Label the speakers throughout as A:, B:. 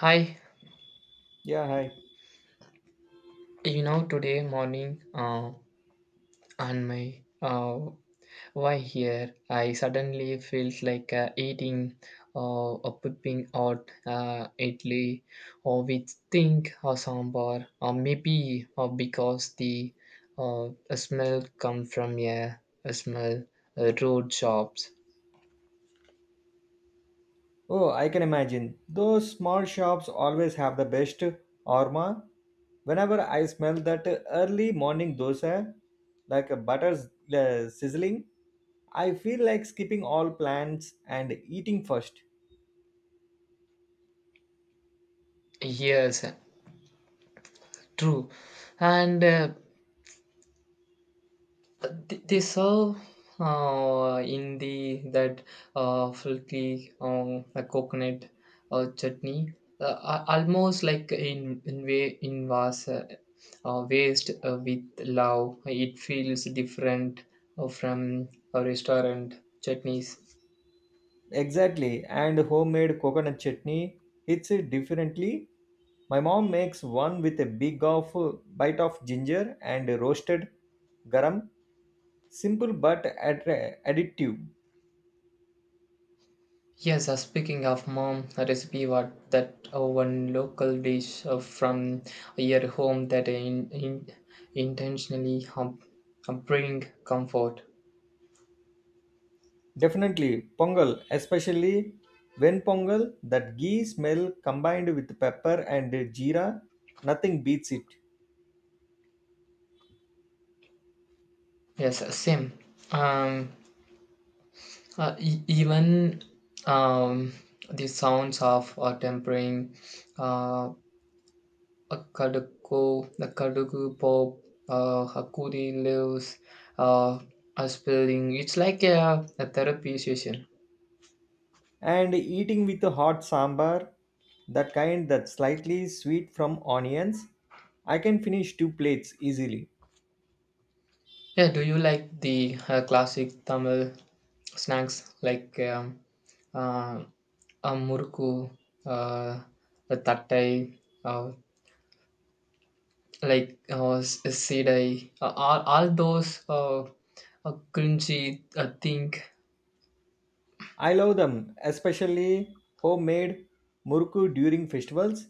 A: Hi,
B: Yeah, hi.
A: today morning on my why here, I suddenly felt like eating or pooping out idli or with think or sambar or maybe or because the uh, smell come from a smell road shops.
B: Oh, I can imagine. Those small shops always have the best aroma. Whenever I smell that early morning dosa, like a butter sizzling, I feel like skipping all plans and eating first.
A: Yes, true, and they serve in the that filthy a coconut chutney, almost like in way in was waste with love. It feels different from a restaurant chutneys.
B: Exactly, and homemade coconut chutney hits it differently. My mom makes one with a big of bite of ginger and roasted garam. Simple but additive.
A: Yes, speaking of mom, a recipe what that one local dish from your home that in intentionally bring comfort.
B: Definitely, pongal, especially when pongal, that ghee smell combined with pepper and jeera, nothing beats it.
A: Yes, same. Um, Even um, the sounds of tempering, uh, a kaduku, the kaduku pop, hakuri leaves, uh, a spelling. It's like a therapy session.
B: And eating with a hot sambar, that kind that's slightly sweet from onions, I can finish two plates easily.
A: Yeah, do you like the classic Tamil snacks like uh, a murku, uh, a tattai, uh, said I, all those cringy think,
B: I love them, especially homemade murku during festivals.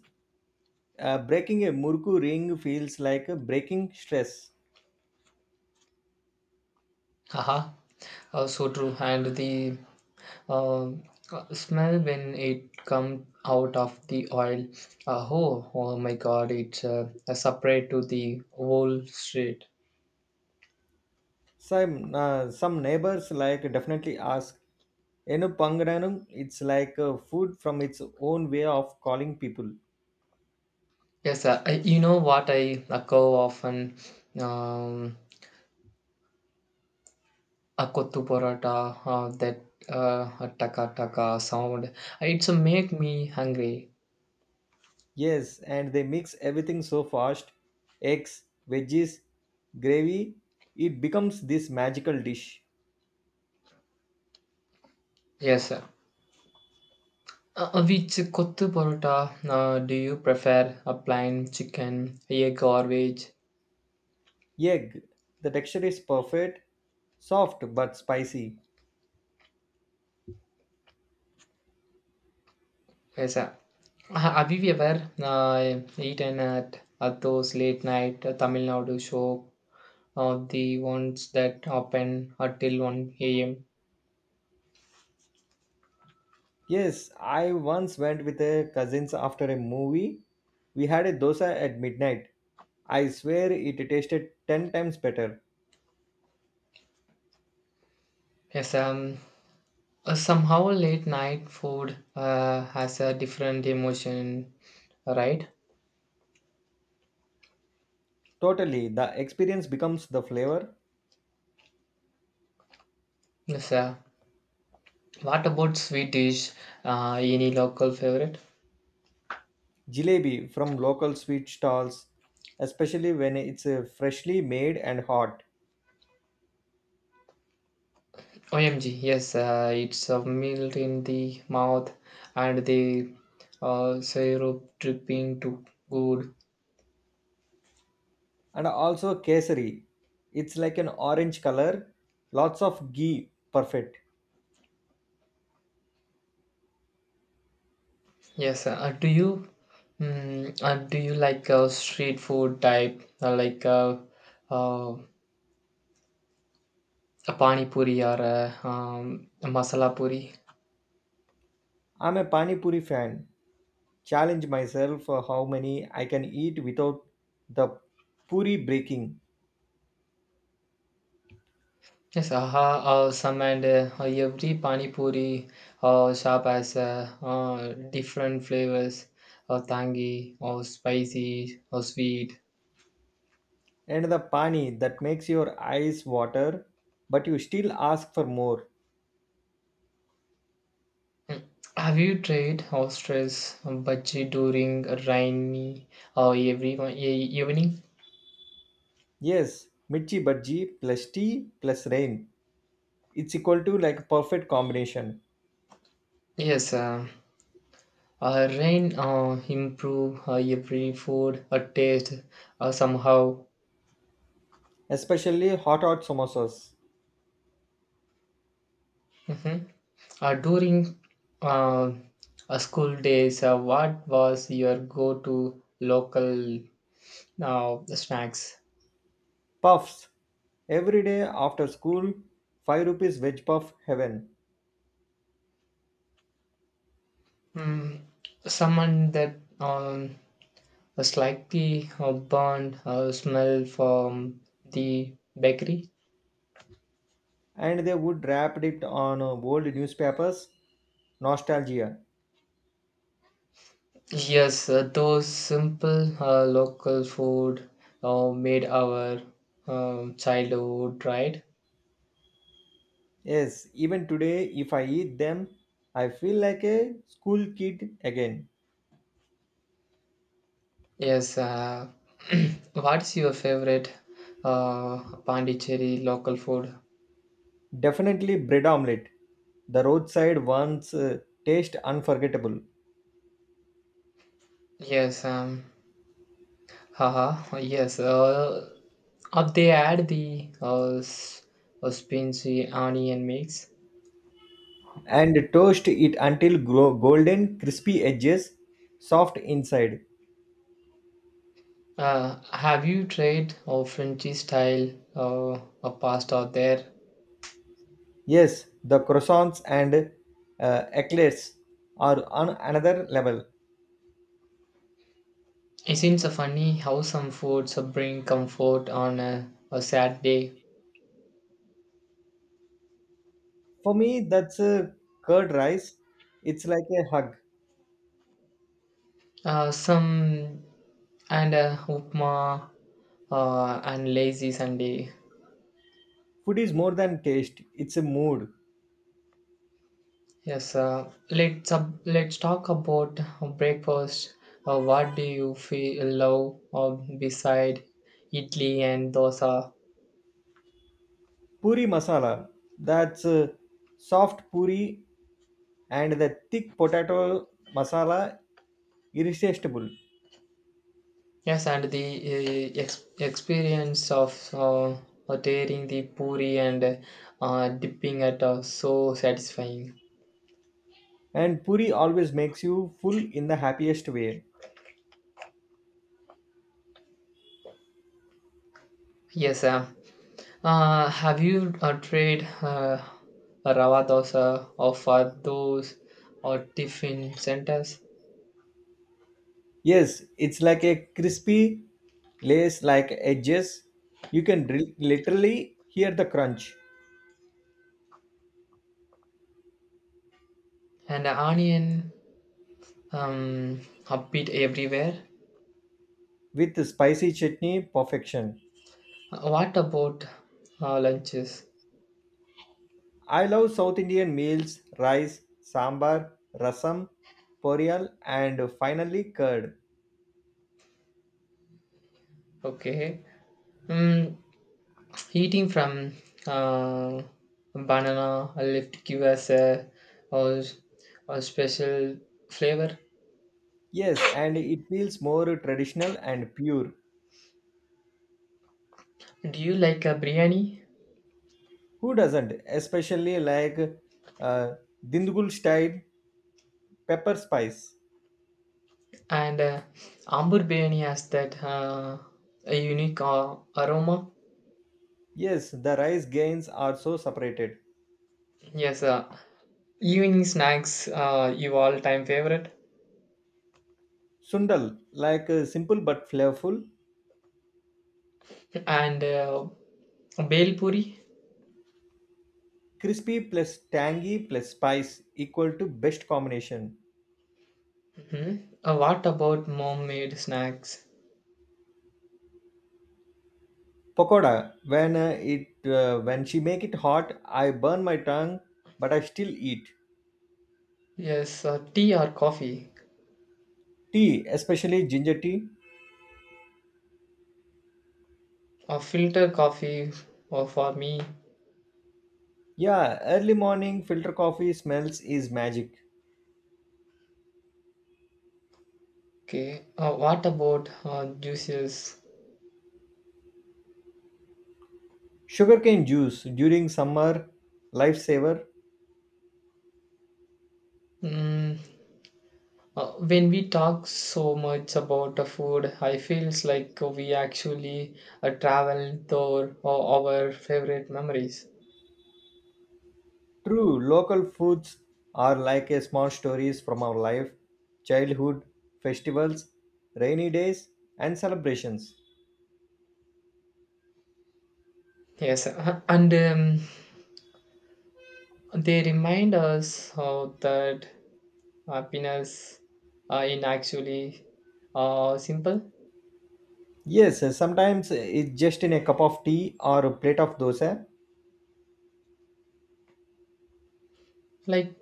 B: Breaking a murku ring feels like breaking stress.
A: haha, so true. And the uh, smell when it come out of the oil, oh my God, it's a separate to the whole street.
B: Some neighbors like definitely ask Enu Pangananum. It's like food from its own way of calling people.
A: Yes, sir. I, you know what I go often, um, a kottu paratha, that a taka taka sound. It's make me hungry.
B: Yes, and they mix everything so fast: eggs, veggies, gravy. It becomes this magical dish.
A: Yes, sir. Which kottu parotta do you prefer? A plain chicken, a garbage?
B: Egg. The texture is perfect, soft but spicy.
A: Yes, sir. Have you ever eaten at those late night Tamil Nadu show, the ones that open until 1 a.m.?
B: Yes, I once went with a cousins after a movie. We had a dosa at midnight. I swear it tasted 10 times better.
A: Yes, somehow late night food has a different emotion, right?
B: Totally, the experience becomes the flavor.
A: Yes, sir. What about sweet dish? Any local favorite?
B: Jalebi from local sweet stalls, especially when it's freshly made and hot.
A: OMG, yes, it's a melt in the mouth and the syrup dripping to good.
B: And also kesari. It's like an orange color, lots of ghee, perfect.
A: Yes, do you do you like street food type like uh, a pani puri or a masala puri?
B: I'm a pani puri fan. Challenge myself how many I can eat without the puri breaking,
A: Yes, some and every pani puri shop has different flavors, tangy or spicy or sweet.
B: and the pani that makes your eyes water, but you still ask for more.
A: Have you tried ostrich bhaji during a rainy or every evening?
B: Yes, mirchi bhaji plus tea plus rain. It's equal to like perfect combination,
A: Yes, rain improve every food taste somehow.
B: especially hot hot samosas.
A: Mhm. During uh, school days, what was your go-to local snacks?
B: Puffs. Every day after school, 5 rupees veg puff heaven.
A: Mm, someone that a slightly burnt smell from the bakery.
B: And they would wrap it on old newspapers. Nostalgia.
A: Yes, those simple local food made our childhood, right?
B: Yes, even today, if I eat them, I feel like a school kid again.
A: Yes. What's your favorite Pondicherry local food?
B: Definitely bread omelette. The roadside ones taste unforgettable.
A: Yes. Haha. Yes. Uh, they add the spicy onion mix.
B: And toast it until golden, crispy edges, soft inside.
A: Have you tried Frenchy style a pasta there?
B: Yes, the croissants and eclairs are on another level.
A: Isn't it funny how some foods bring comfort on a sad day?
B: For me, that's a curd rice. It's like a hug.
A: Some and upma and lazy Sunday.
B: Food is more than taste, it's a mood.
A: Yes, let's talk about breakfast. What do you feel love or beside idli and dosa?
B: Puri masala, that's a soft puri and the thick potato masala, irresistible.
A: Yes, and the experience of tearing the puri and dipping it so satisfying.
B: And puri always makes you full in the happiest way.
A: Yes, have you tried Rava dosa or Fados or tiffin centers
B: Yes, it's like a crispy lace like edges. You can literally hear the crunch
A: and onion um, upbeat everywhere?
B: with the spicy chutney perfection.
A: What about lunches?
B: I love South Indian meals: rice, sambar, rasam, poriyal and finally curd.
A: Okay, mm, eating from uh, banana left give us a, a special flavor.
B: Yes, and it feels more traditional and pure.
A: Do you like a biryani?
B: Who doesn't? Especially like uh, Dindgul style pepper spice.
A: And Ambur biryani has that a unique aroma.
B: Yes, the rice grains are so separated.
A: Yes, evening snacks, you all time favorite.
B: Sundal, like simple but flavorful,
A: And Bel puri.
B: crispy plus tangy plus spice equal to best combination.
A: Mhm. What about mom-made snacks?
B: Pakoda, when it when she make it hot, I burn my tongue, but I still eat.
A: Yes, tea or coffee?
B: Tea, especially ginger tea.
A: Filter coffee for me.
B: Yeah, early morning filter coffee smells is magic.
A: Okay. What about juices?
B: Sugarcane juice during summer, lifesaver.
A: Mm, when we talk so much about the food, I feels like we actually travel through our favorite memories.
B: True, local foods are like a small stories from our life: childhood, festivals, rainy days, and celebrations.
A: Yes, and they remind us that happiness in actually simple.
B: Yes, sometimes it's just in a cup of tea or a plate of dosa.
A: Like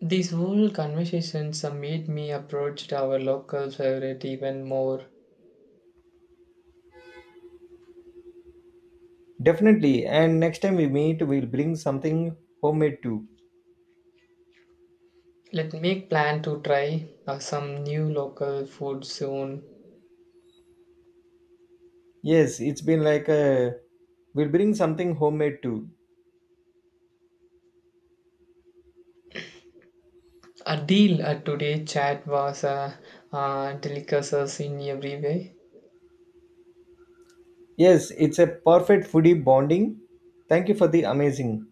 A: these whole conversations made me approach our local favorite even more.
B: Definitely, and next time we meet, we'll bring something homemade too.
A: Let me make plan to try some new local food soon.
B: Yes, it's been like a we'll bring something homemade too.
A: A deal today chat was a delicacies in every way.
B: Yes, it's a perfect foodie bonding. Thank you for the amazing.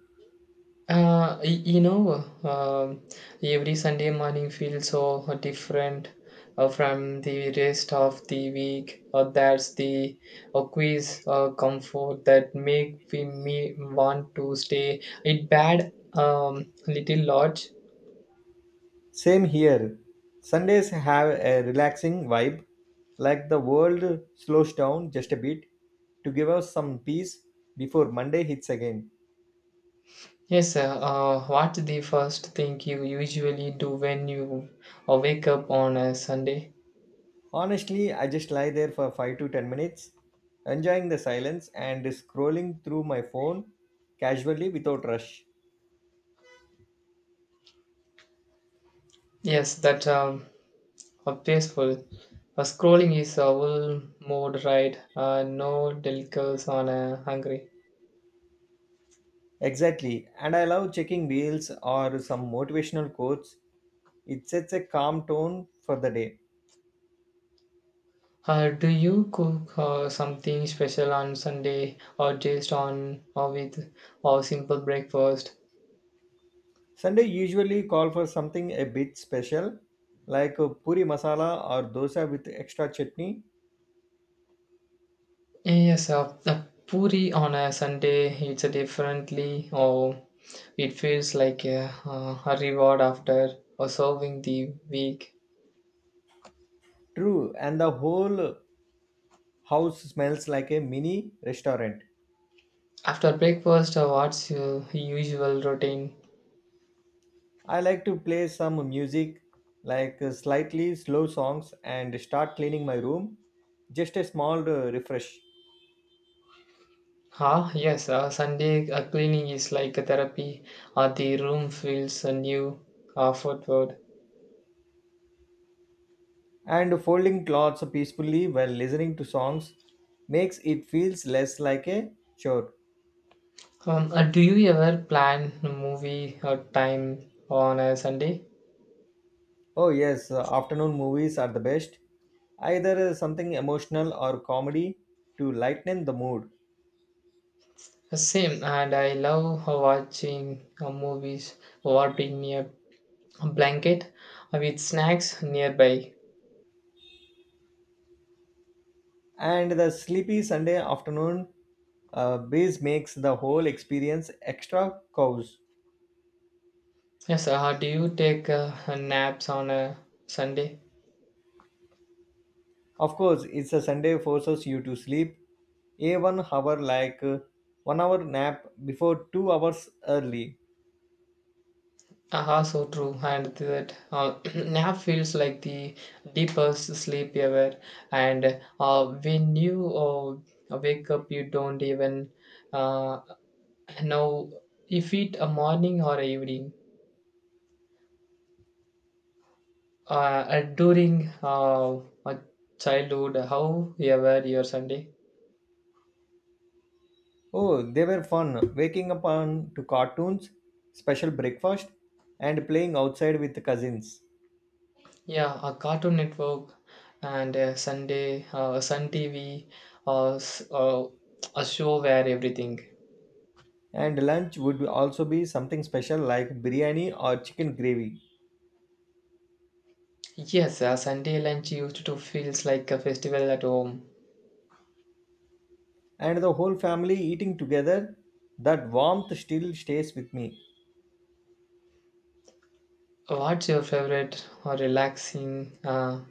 A: You know, um, every Sunday morning feels so different from the rest of the week. That's the quiz comfort that make we me want to stay. It bad little lodge.
B: Same here. Sundays have a relaxing vibe, like the world slows down just a bit to give us some peace before Monday hits again.
A: Yes, sir. What the first thing you usually do when you wake up on a Sunday?
B: Honestly, I just lie there for 5 to 10 minutes, enjoying the silence and scrolling through my phone casually without rush.
A: Yes, that peaceful. Scrolling is all mode, right? No delicacies on hungry.
B: Exactly, and I love checking reels or some motivational quotes. It sets a calm tone for the day.
A: Do you cook something special on Sunday or just on or with or simple breakfast?
B: Sunday usually call for something a bit special, like a puri masala or dosa with extra chutney.
A: Yes, the puri on a Sunday it's a differently or it feels like a reward after serving the week.
B: True, and the whole house smells like a mini restaurant.
A: After breakfast, what's your usual routine?
B: I like to play some music, like slightly slow songs, and start cleaning my room. Just a small refresh.
A: Ah, yes, Sunday cleaning is like a therapy. The room feels a new forward.
B: And folding clothes peacefully while listening to songs makes it feels less like a chore.
A: Do you ever plan movie time on a Sunday?
B: Oh, yes, afternoon movies are the best. Either something emotional or comedy to lighten the mood.
A: Same, and I love watching movies wrapped in a blanket with snacks nearby.
B: And the sleepy Sunday afternoon breeze makes the whole experience extra cozy.
A: Yes, do you take naps on a Sunday?
B: Of course, it's a Sunday forces you to sleep a 1 hour like 1 hour nap before 2 hours early.
A: Ah, so true. And that nap feels like the deepest sleep ever. And when you wake up, you don't even uh, know if it a morning or evening. During my childhood, however, your Sunday.
B: Oh, they were fun. Waking up on to cartoons, special breakfast, and playing outside with cousins.
A: Yeah, a Cartoon Network and Sunday, Sun TV, uh, s- uh, a show where everything.
B: And lunch would also be something special like biryani or chicken gravy.
A: Yes, a Sunday lunch used to feels like a festival at home.
B: And the whole family eating together, that warmth still stays with me.
A: What's your favorite or relaxing uh,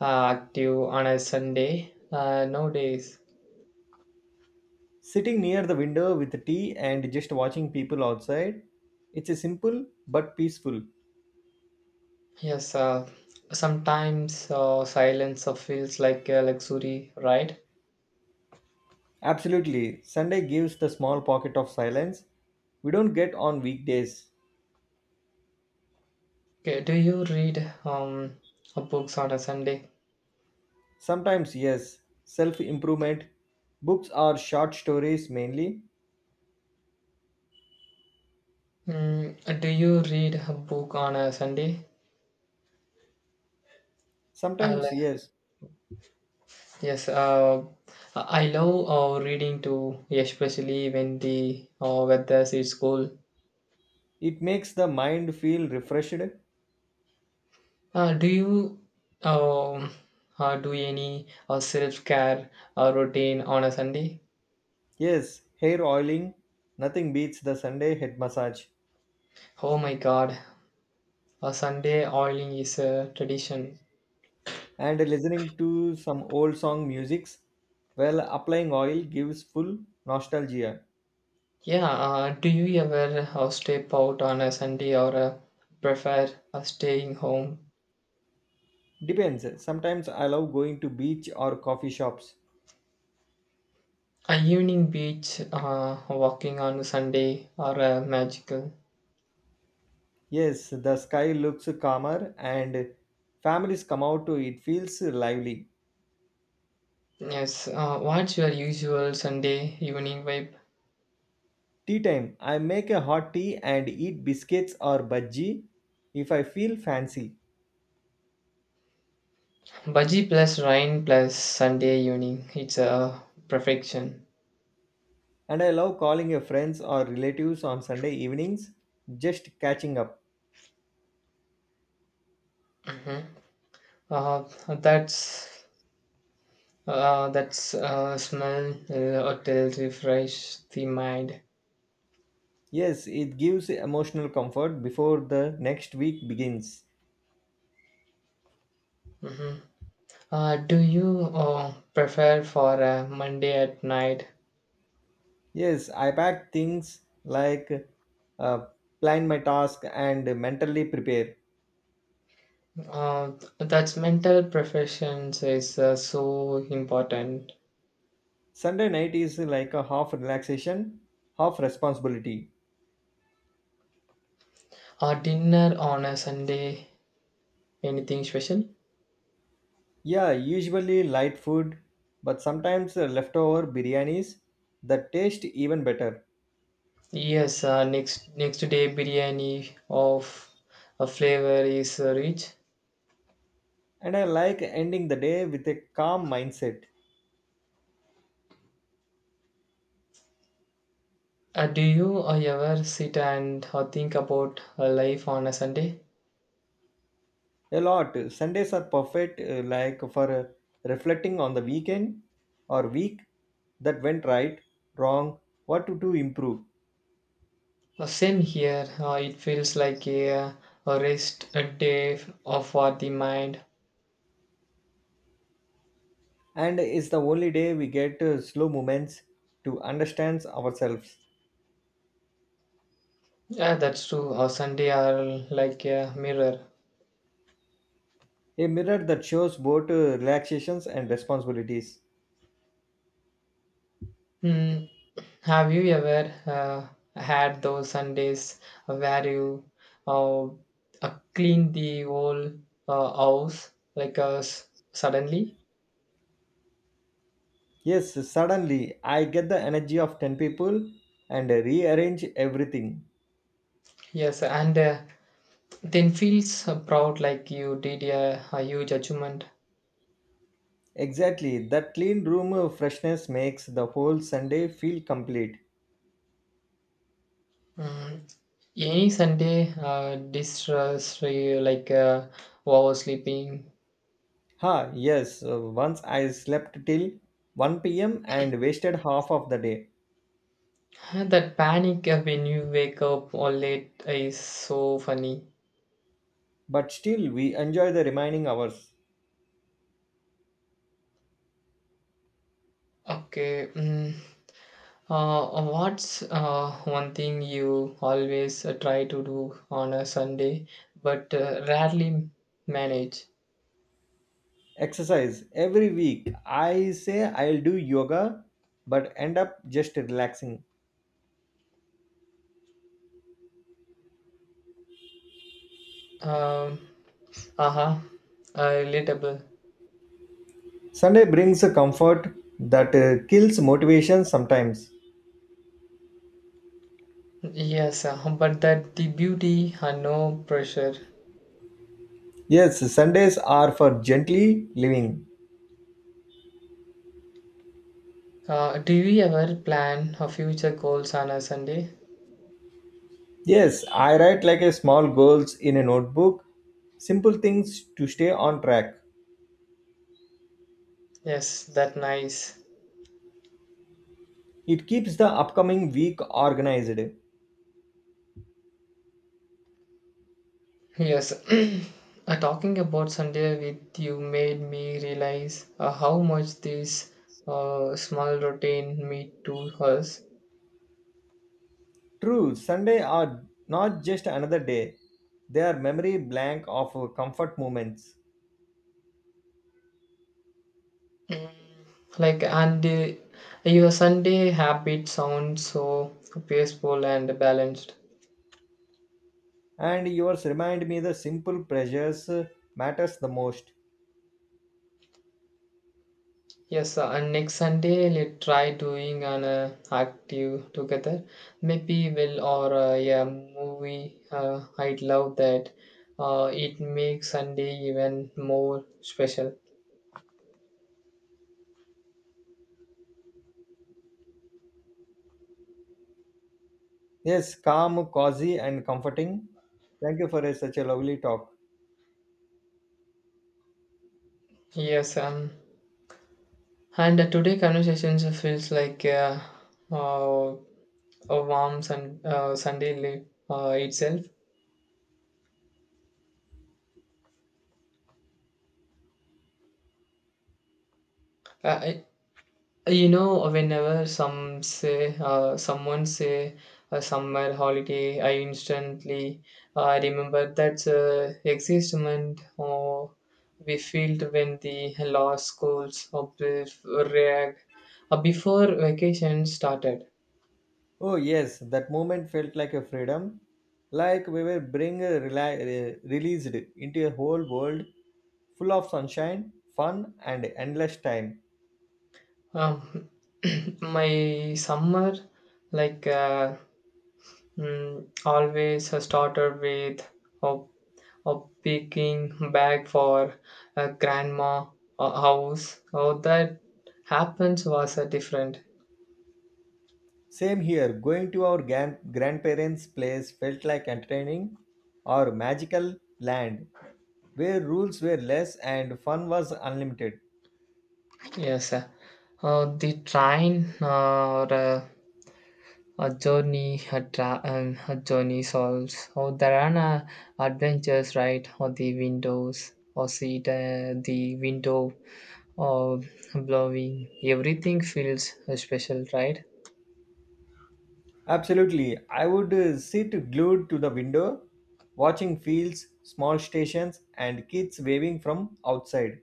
A: uh, active on a Sunday nowadays?
B: Sitting near the window with tea and just watching people outside, it's a simple but peaceful.
A: Yes, sometimes silence feels like a luxury, right?
B: Absolutely, Sunday gives the small pocket of silence we don't get on weekdays.
A: Okay, do you read books on a Sunday?
B: Sometimes yes, self improvement books or short stories mainly.
A: Mm, do you read a book on a Sunday? Uh,
B: Sometimes yes.
A: Yes, I love reading too, especially when the weather is cool.
B: It makes the mind feel refreshed.
A: Do you um, do any self care routine on a Sunday?
B: Yes, hair oiling, nothing beats the Sunday head massage.
A: Oh my God, a Sunday oiling is a tradition.
B: And listening to some old song musics while applying oil gives full nostalgia.
A: Yeah, do you ever step out on a Sunday or prefer staying home?
B: Depends. Sometimes I love going to beach or coffee shops.
A: A evening beach walking on a Sunday or magical.
B: Yes, the sky looks calmer and families come out to it feels lively.
A: Yes, what's your usual Sunday evening vibe?
B: Tea time. I make a hot tea and eat biscuits or bhaji if I feel fancy.
A: Bhaji plus rain plus Sunday evening. It's a perfection.
B: And I love calling your friends or relatives on Sunday evenings, just catching up.
A: Hmm. Uh, that's that's smell hotel refresh the mind.
B: Yes, it gives emotional comfort before the next week begins.
A: Hmm. Do you prefer for a Monday at night?
B: Yes, I pack things like uh, plan my task and mentally prepare.
A: Uh, that's mental professions is so important.
B: Sunday night is like a half relaxation, half responsibility.
A: Dinner on a Sunday. Anything special?
B: Yeah, usually light food, but sometimes leftover biryanis that taste even better.
A: Yes, next day biryani of a flavor is rich.
B: And I like ending the day with a calm mindset.
A: Do you ever sit and think about life on a Sunday?
B: A lot. Sundays are perfect, like for reflecting on the weekend or week that went right, wrong, what to do improve.
A: Same here. It feels like a rest a day for the mind.
B: And it's the only day we get slow moments to understand ourselves.
A: Yeah, that's true. Sunday are like a mirror.
B: A mirror that shows both relaxations and responsibilities.
A: Hmm. Have you ever had those Sundays where you uh, clean the whole house like suddenly?
B: Yes, suddenly I get the energy of 10 people and rearrange everything.
A: Yes, and then feels proud like you did a huge achievement.
B: Exactly, that clean room freshness makes the whole Sunday feel complete.
A: Mm, any Sunday distress you like oversleeping.
B: Ha, yes, once I slept till 1 p.m. and wasted half of the day.
A: That panic when you wake up all late is so funny.
B: But still, we enjoy the remaining hours.
A: Okay. Mm. What's one thing you always try to do on a Sunday but rarely manage?
B: Exercise every week. I say I'll do yoga, but end up just relaxing.
A: Um, uh-huh. Relatable.
B: Sunday brings a comfort that kills motivation sometimes.
A: Yes, but that the beauty and no pressure.
B: Yes, Sundays are for gently living.
A: Do you ever plan a future goals on a Sunday?
B: Yes, I write like a small goals in a notebook. Simple things to stay on track.
A: Yes, that nice.
B: It keeps the upcoming week organized.
A: Yes, talking about Sunday with you made me realize how much this small routine mean to us.
B: True, Sunday are not just another day. They are memory blank of comfort moments.
A: Like, and your Sunday habit sounds so peaceful and balanced.
B: And yours remind me the simple pleasures matters the most.
A: Yes, and next Sunday let's try doing an active together. Maybe we'll or yeah movie. I'd love that. It makes Sunday even more special.
B: Yes, calm, cozy and comforting. Thank you for such a lovely talk.
A: Yes, and today conversations feels like uh, a warm sun, Sunday leaf itself. Uh, I, you know, whenever some say, someone say a summer holiday, I instantly remember that existment or we felt when the law schools or react before vacation started.
B: Oh yes, that moment felt like a freedom. Like we were being released into a whole world full of sunshine, fun and endless time.
A: Um, my summer like. Always started with a, a picking bag for a grandma house. How that happens was different.
B: Same here, going to our grandparents' place felt like entertaining or magical land where rules were less and fun was unlimited.
A: Yes, sir. The train or a journey, a journey solves. Or there are adventures, right? Or the windows, or see the window, or blowing. Everything feels special, right?
B: Absolutely, I would sit glued to the window, watching fields, small stations, and kids waving from outside.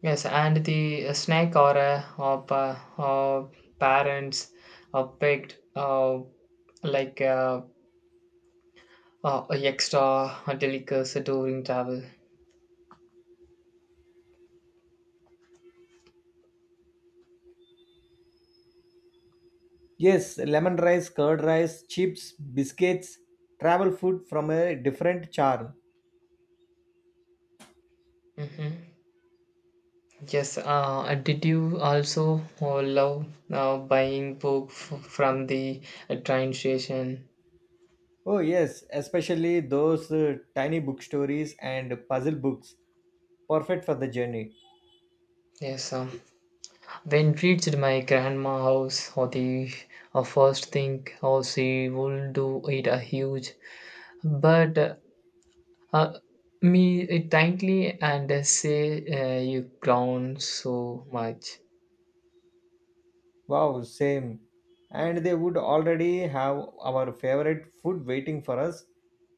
A: Yes, and the snake or a or parents or pet like uh, extra delicacy during travel.
B: Yes, lemon rice, curd rice, chips, biscuits, travel food from a different charm.
A: Hmm. Yes, did you also love buying book from the train station?
B: Oh, yes, especially those tiny book stories and puzzle books. Perfect for the journey.
A: Yes, when reached my grandma house, or the first thing she would do it a huge, but Uh, me it kindly and say you ground so much.
B: Wow, same. And they would already have our favorite food waiting for us.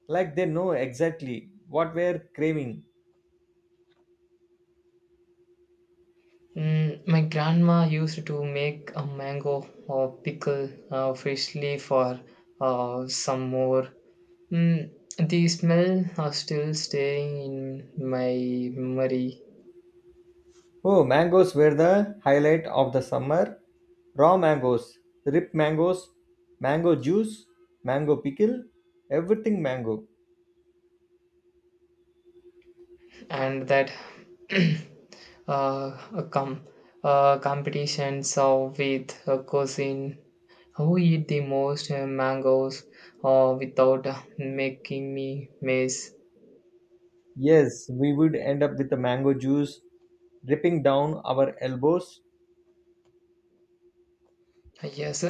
B: Like they know exactly what we're craving.
A: Mm, my grandma used to make a mango or pickle freshly for some more. Mm, the smell are still staying in my memory,
B: Oh, mangoes were the highlight of the summer. Raw mangoes, ripe mangoes, mango juice, mango pickle, everything mango.
A: and that uh, com competitions of with a cousin. Who eat the most mangoes without making me miss?
B: Yes, we would end up with the mango juice dripping down our elbows.
A: Yes,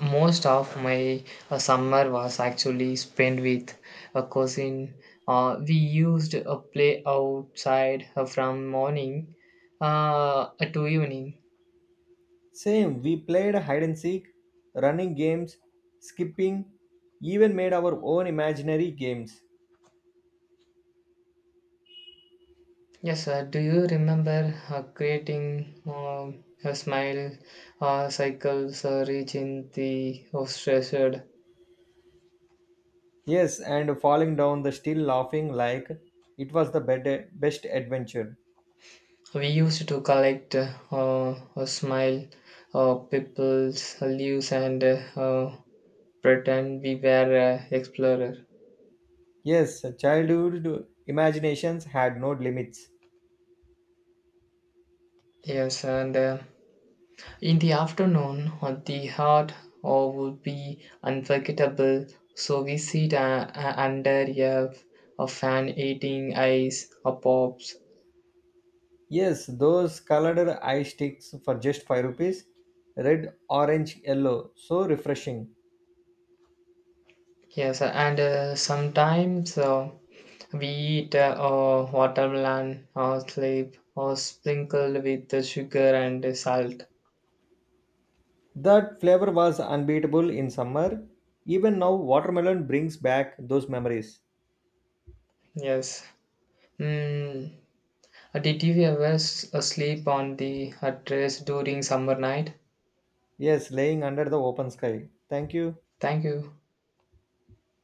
A: most of my summer was actually spent with a cousin. We used a play outside from morning to evening.
B: Same, we played hide and seek, running games, skipping, even made our own imaginary games.
A: Yes, sir. Do you remember creating a smile cycles reaching the stressed.
B: Yes, and falling down the still laughing like it was the best adventure.
A: We used to collect small people's leaves and pretend we were explorer.
B: Yes, childhood imaginations had no limits.
A: Yes, and in the afternoon, the heart would be unforgettable. So we sit under a fan eating ice or pops.
B: Yes, those colored eye sticks for just 5 rupees, red, orange, yellow, so refreshing.
A: Yes, and sometimes. We eat watermelon or slip or sprinkled with the sugar and salt.
B: That flavor was unbeatable in summer. Even now, watermelon brings back those memories.
A: Yes. Mm. Did you ever sleep on the terrace during summer night?
B: Yes, laying under the open sky. Thank you.
A: Thank you.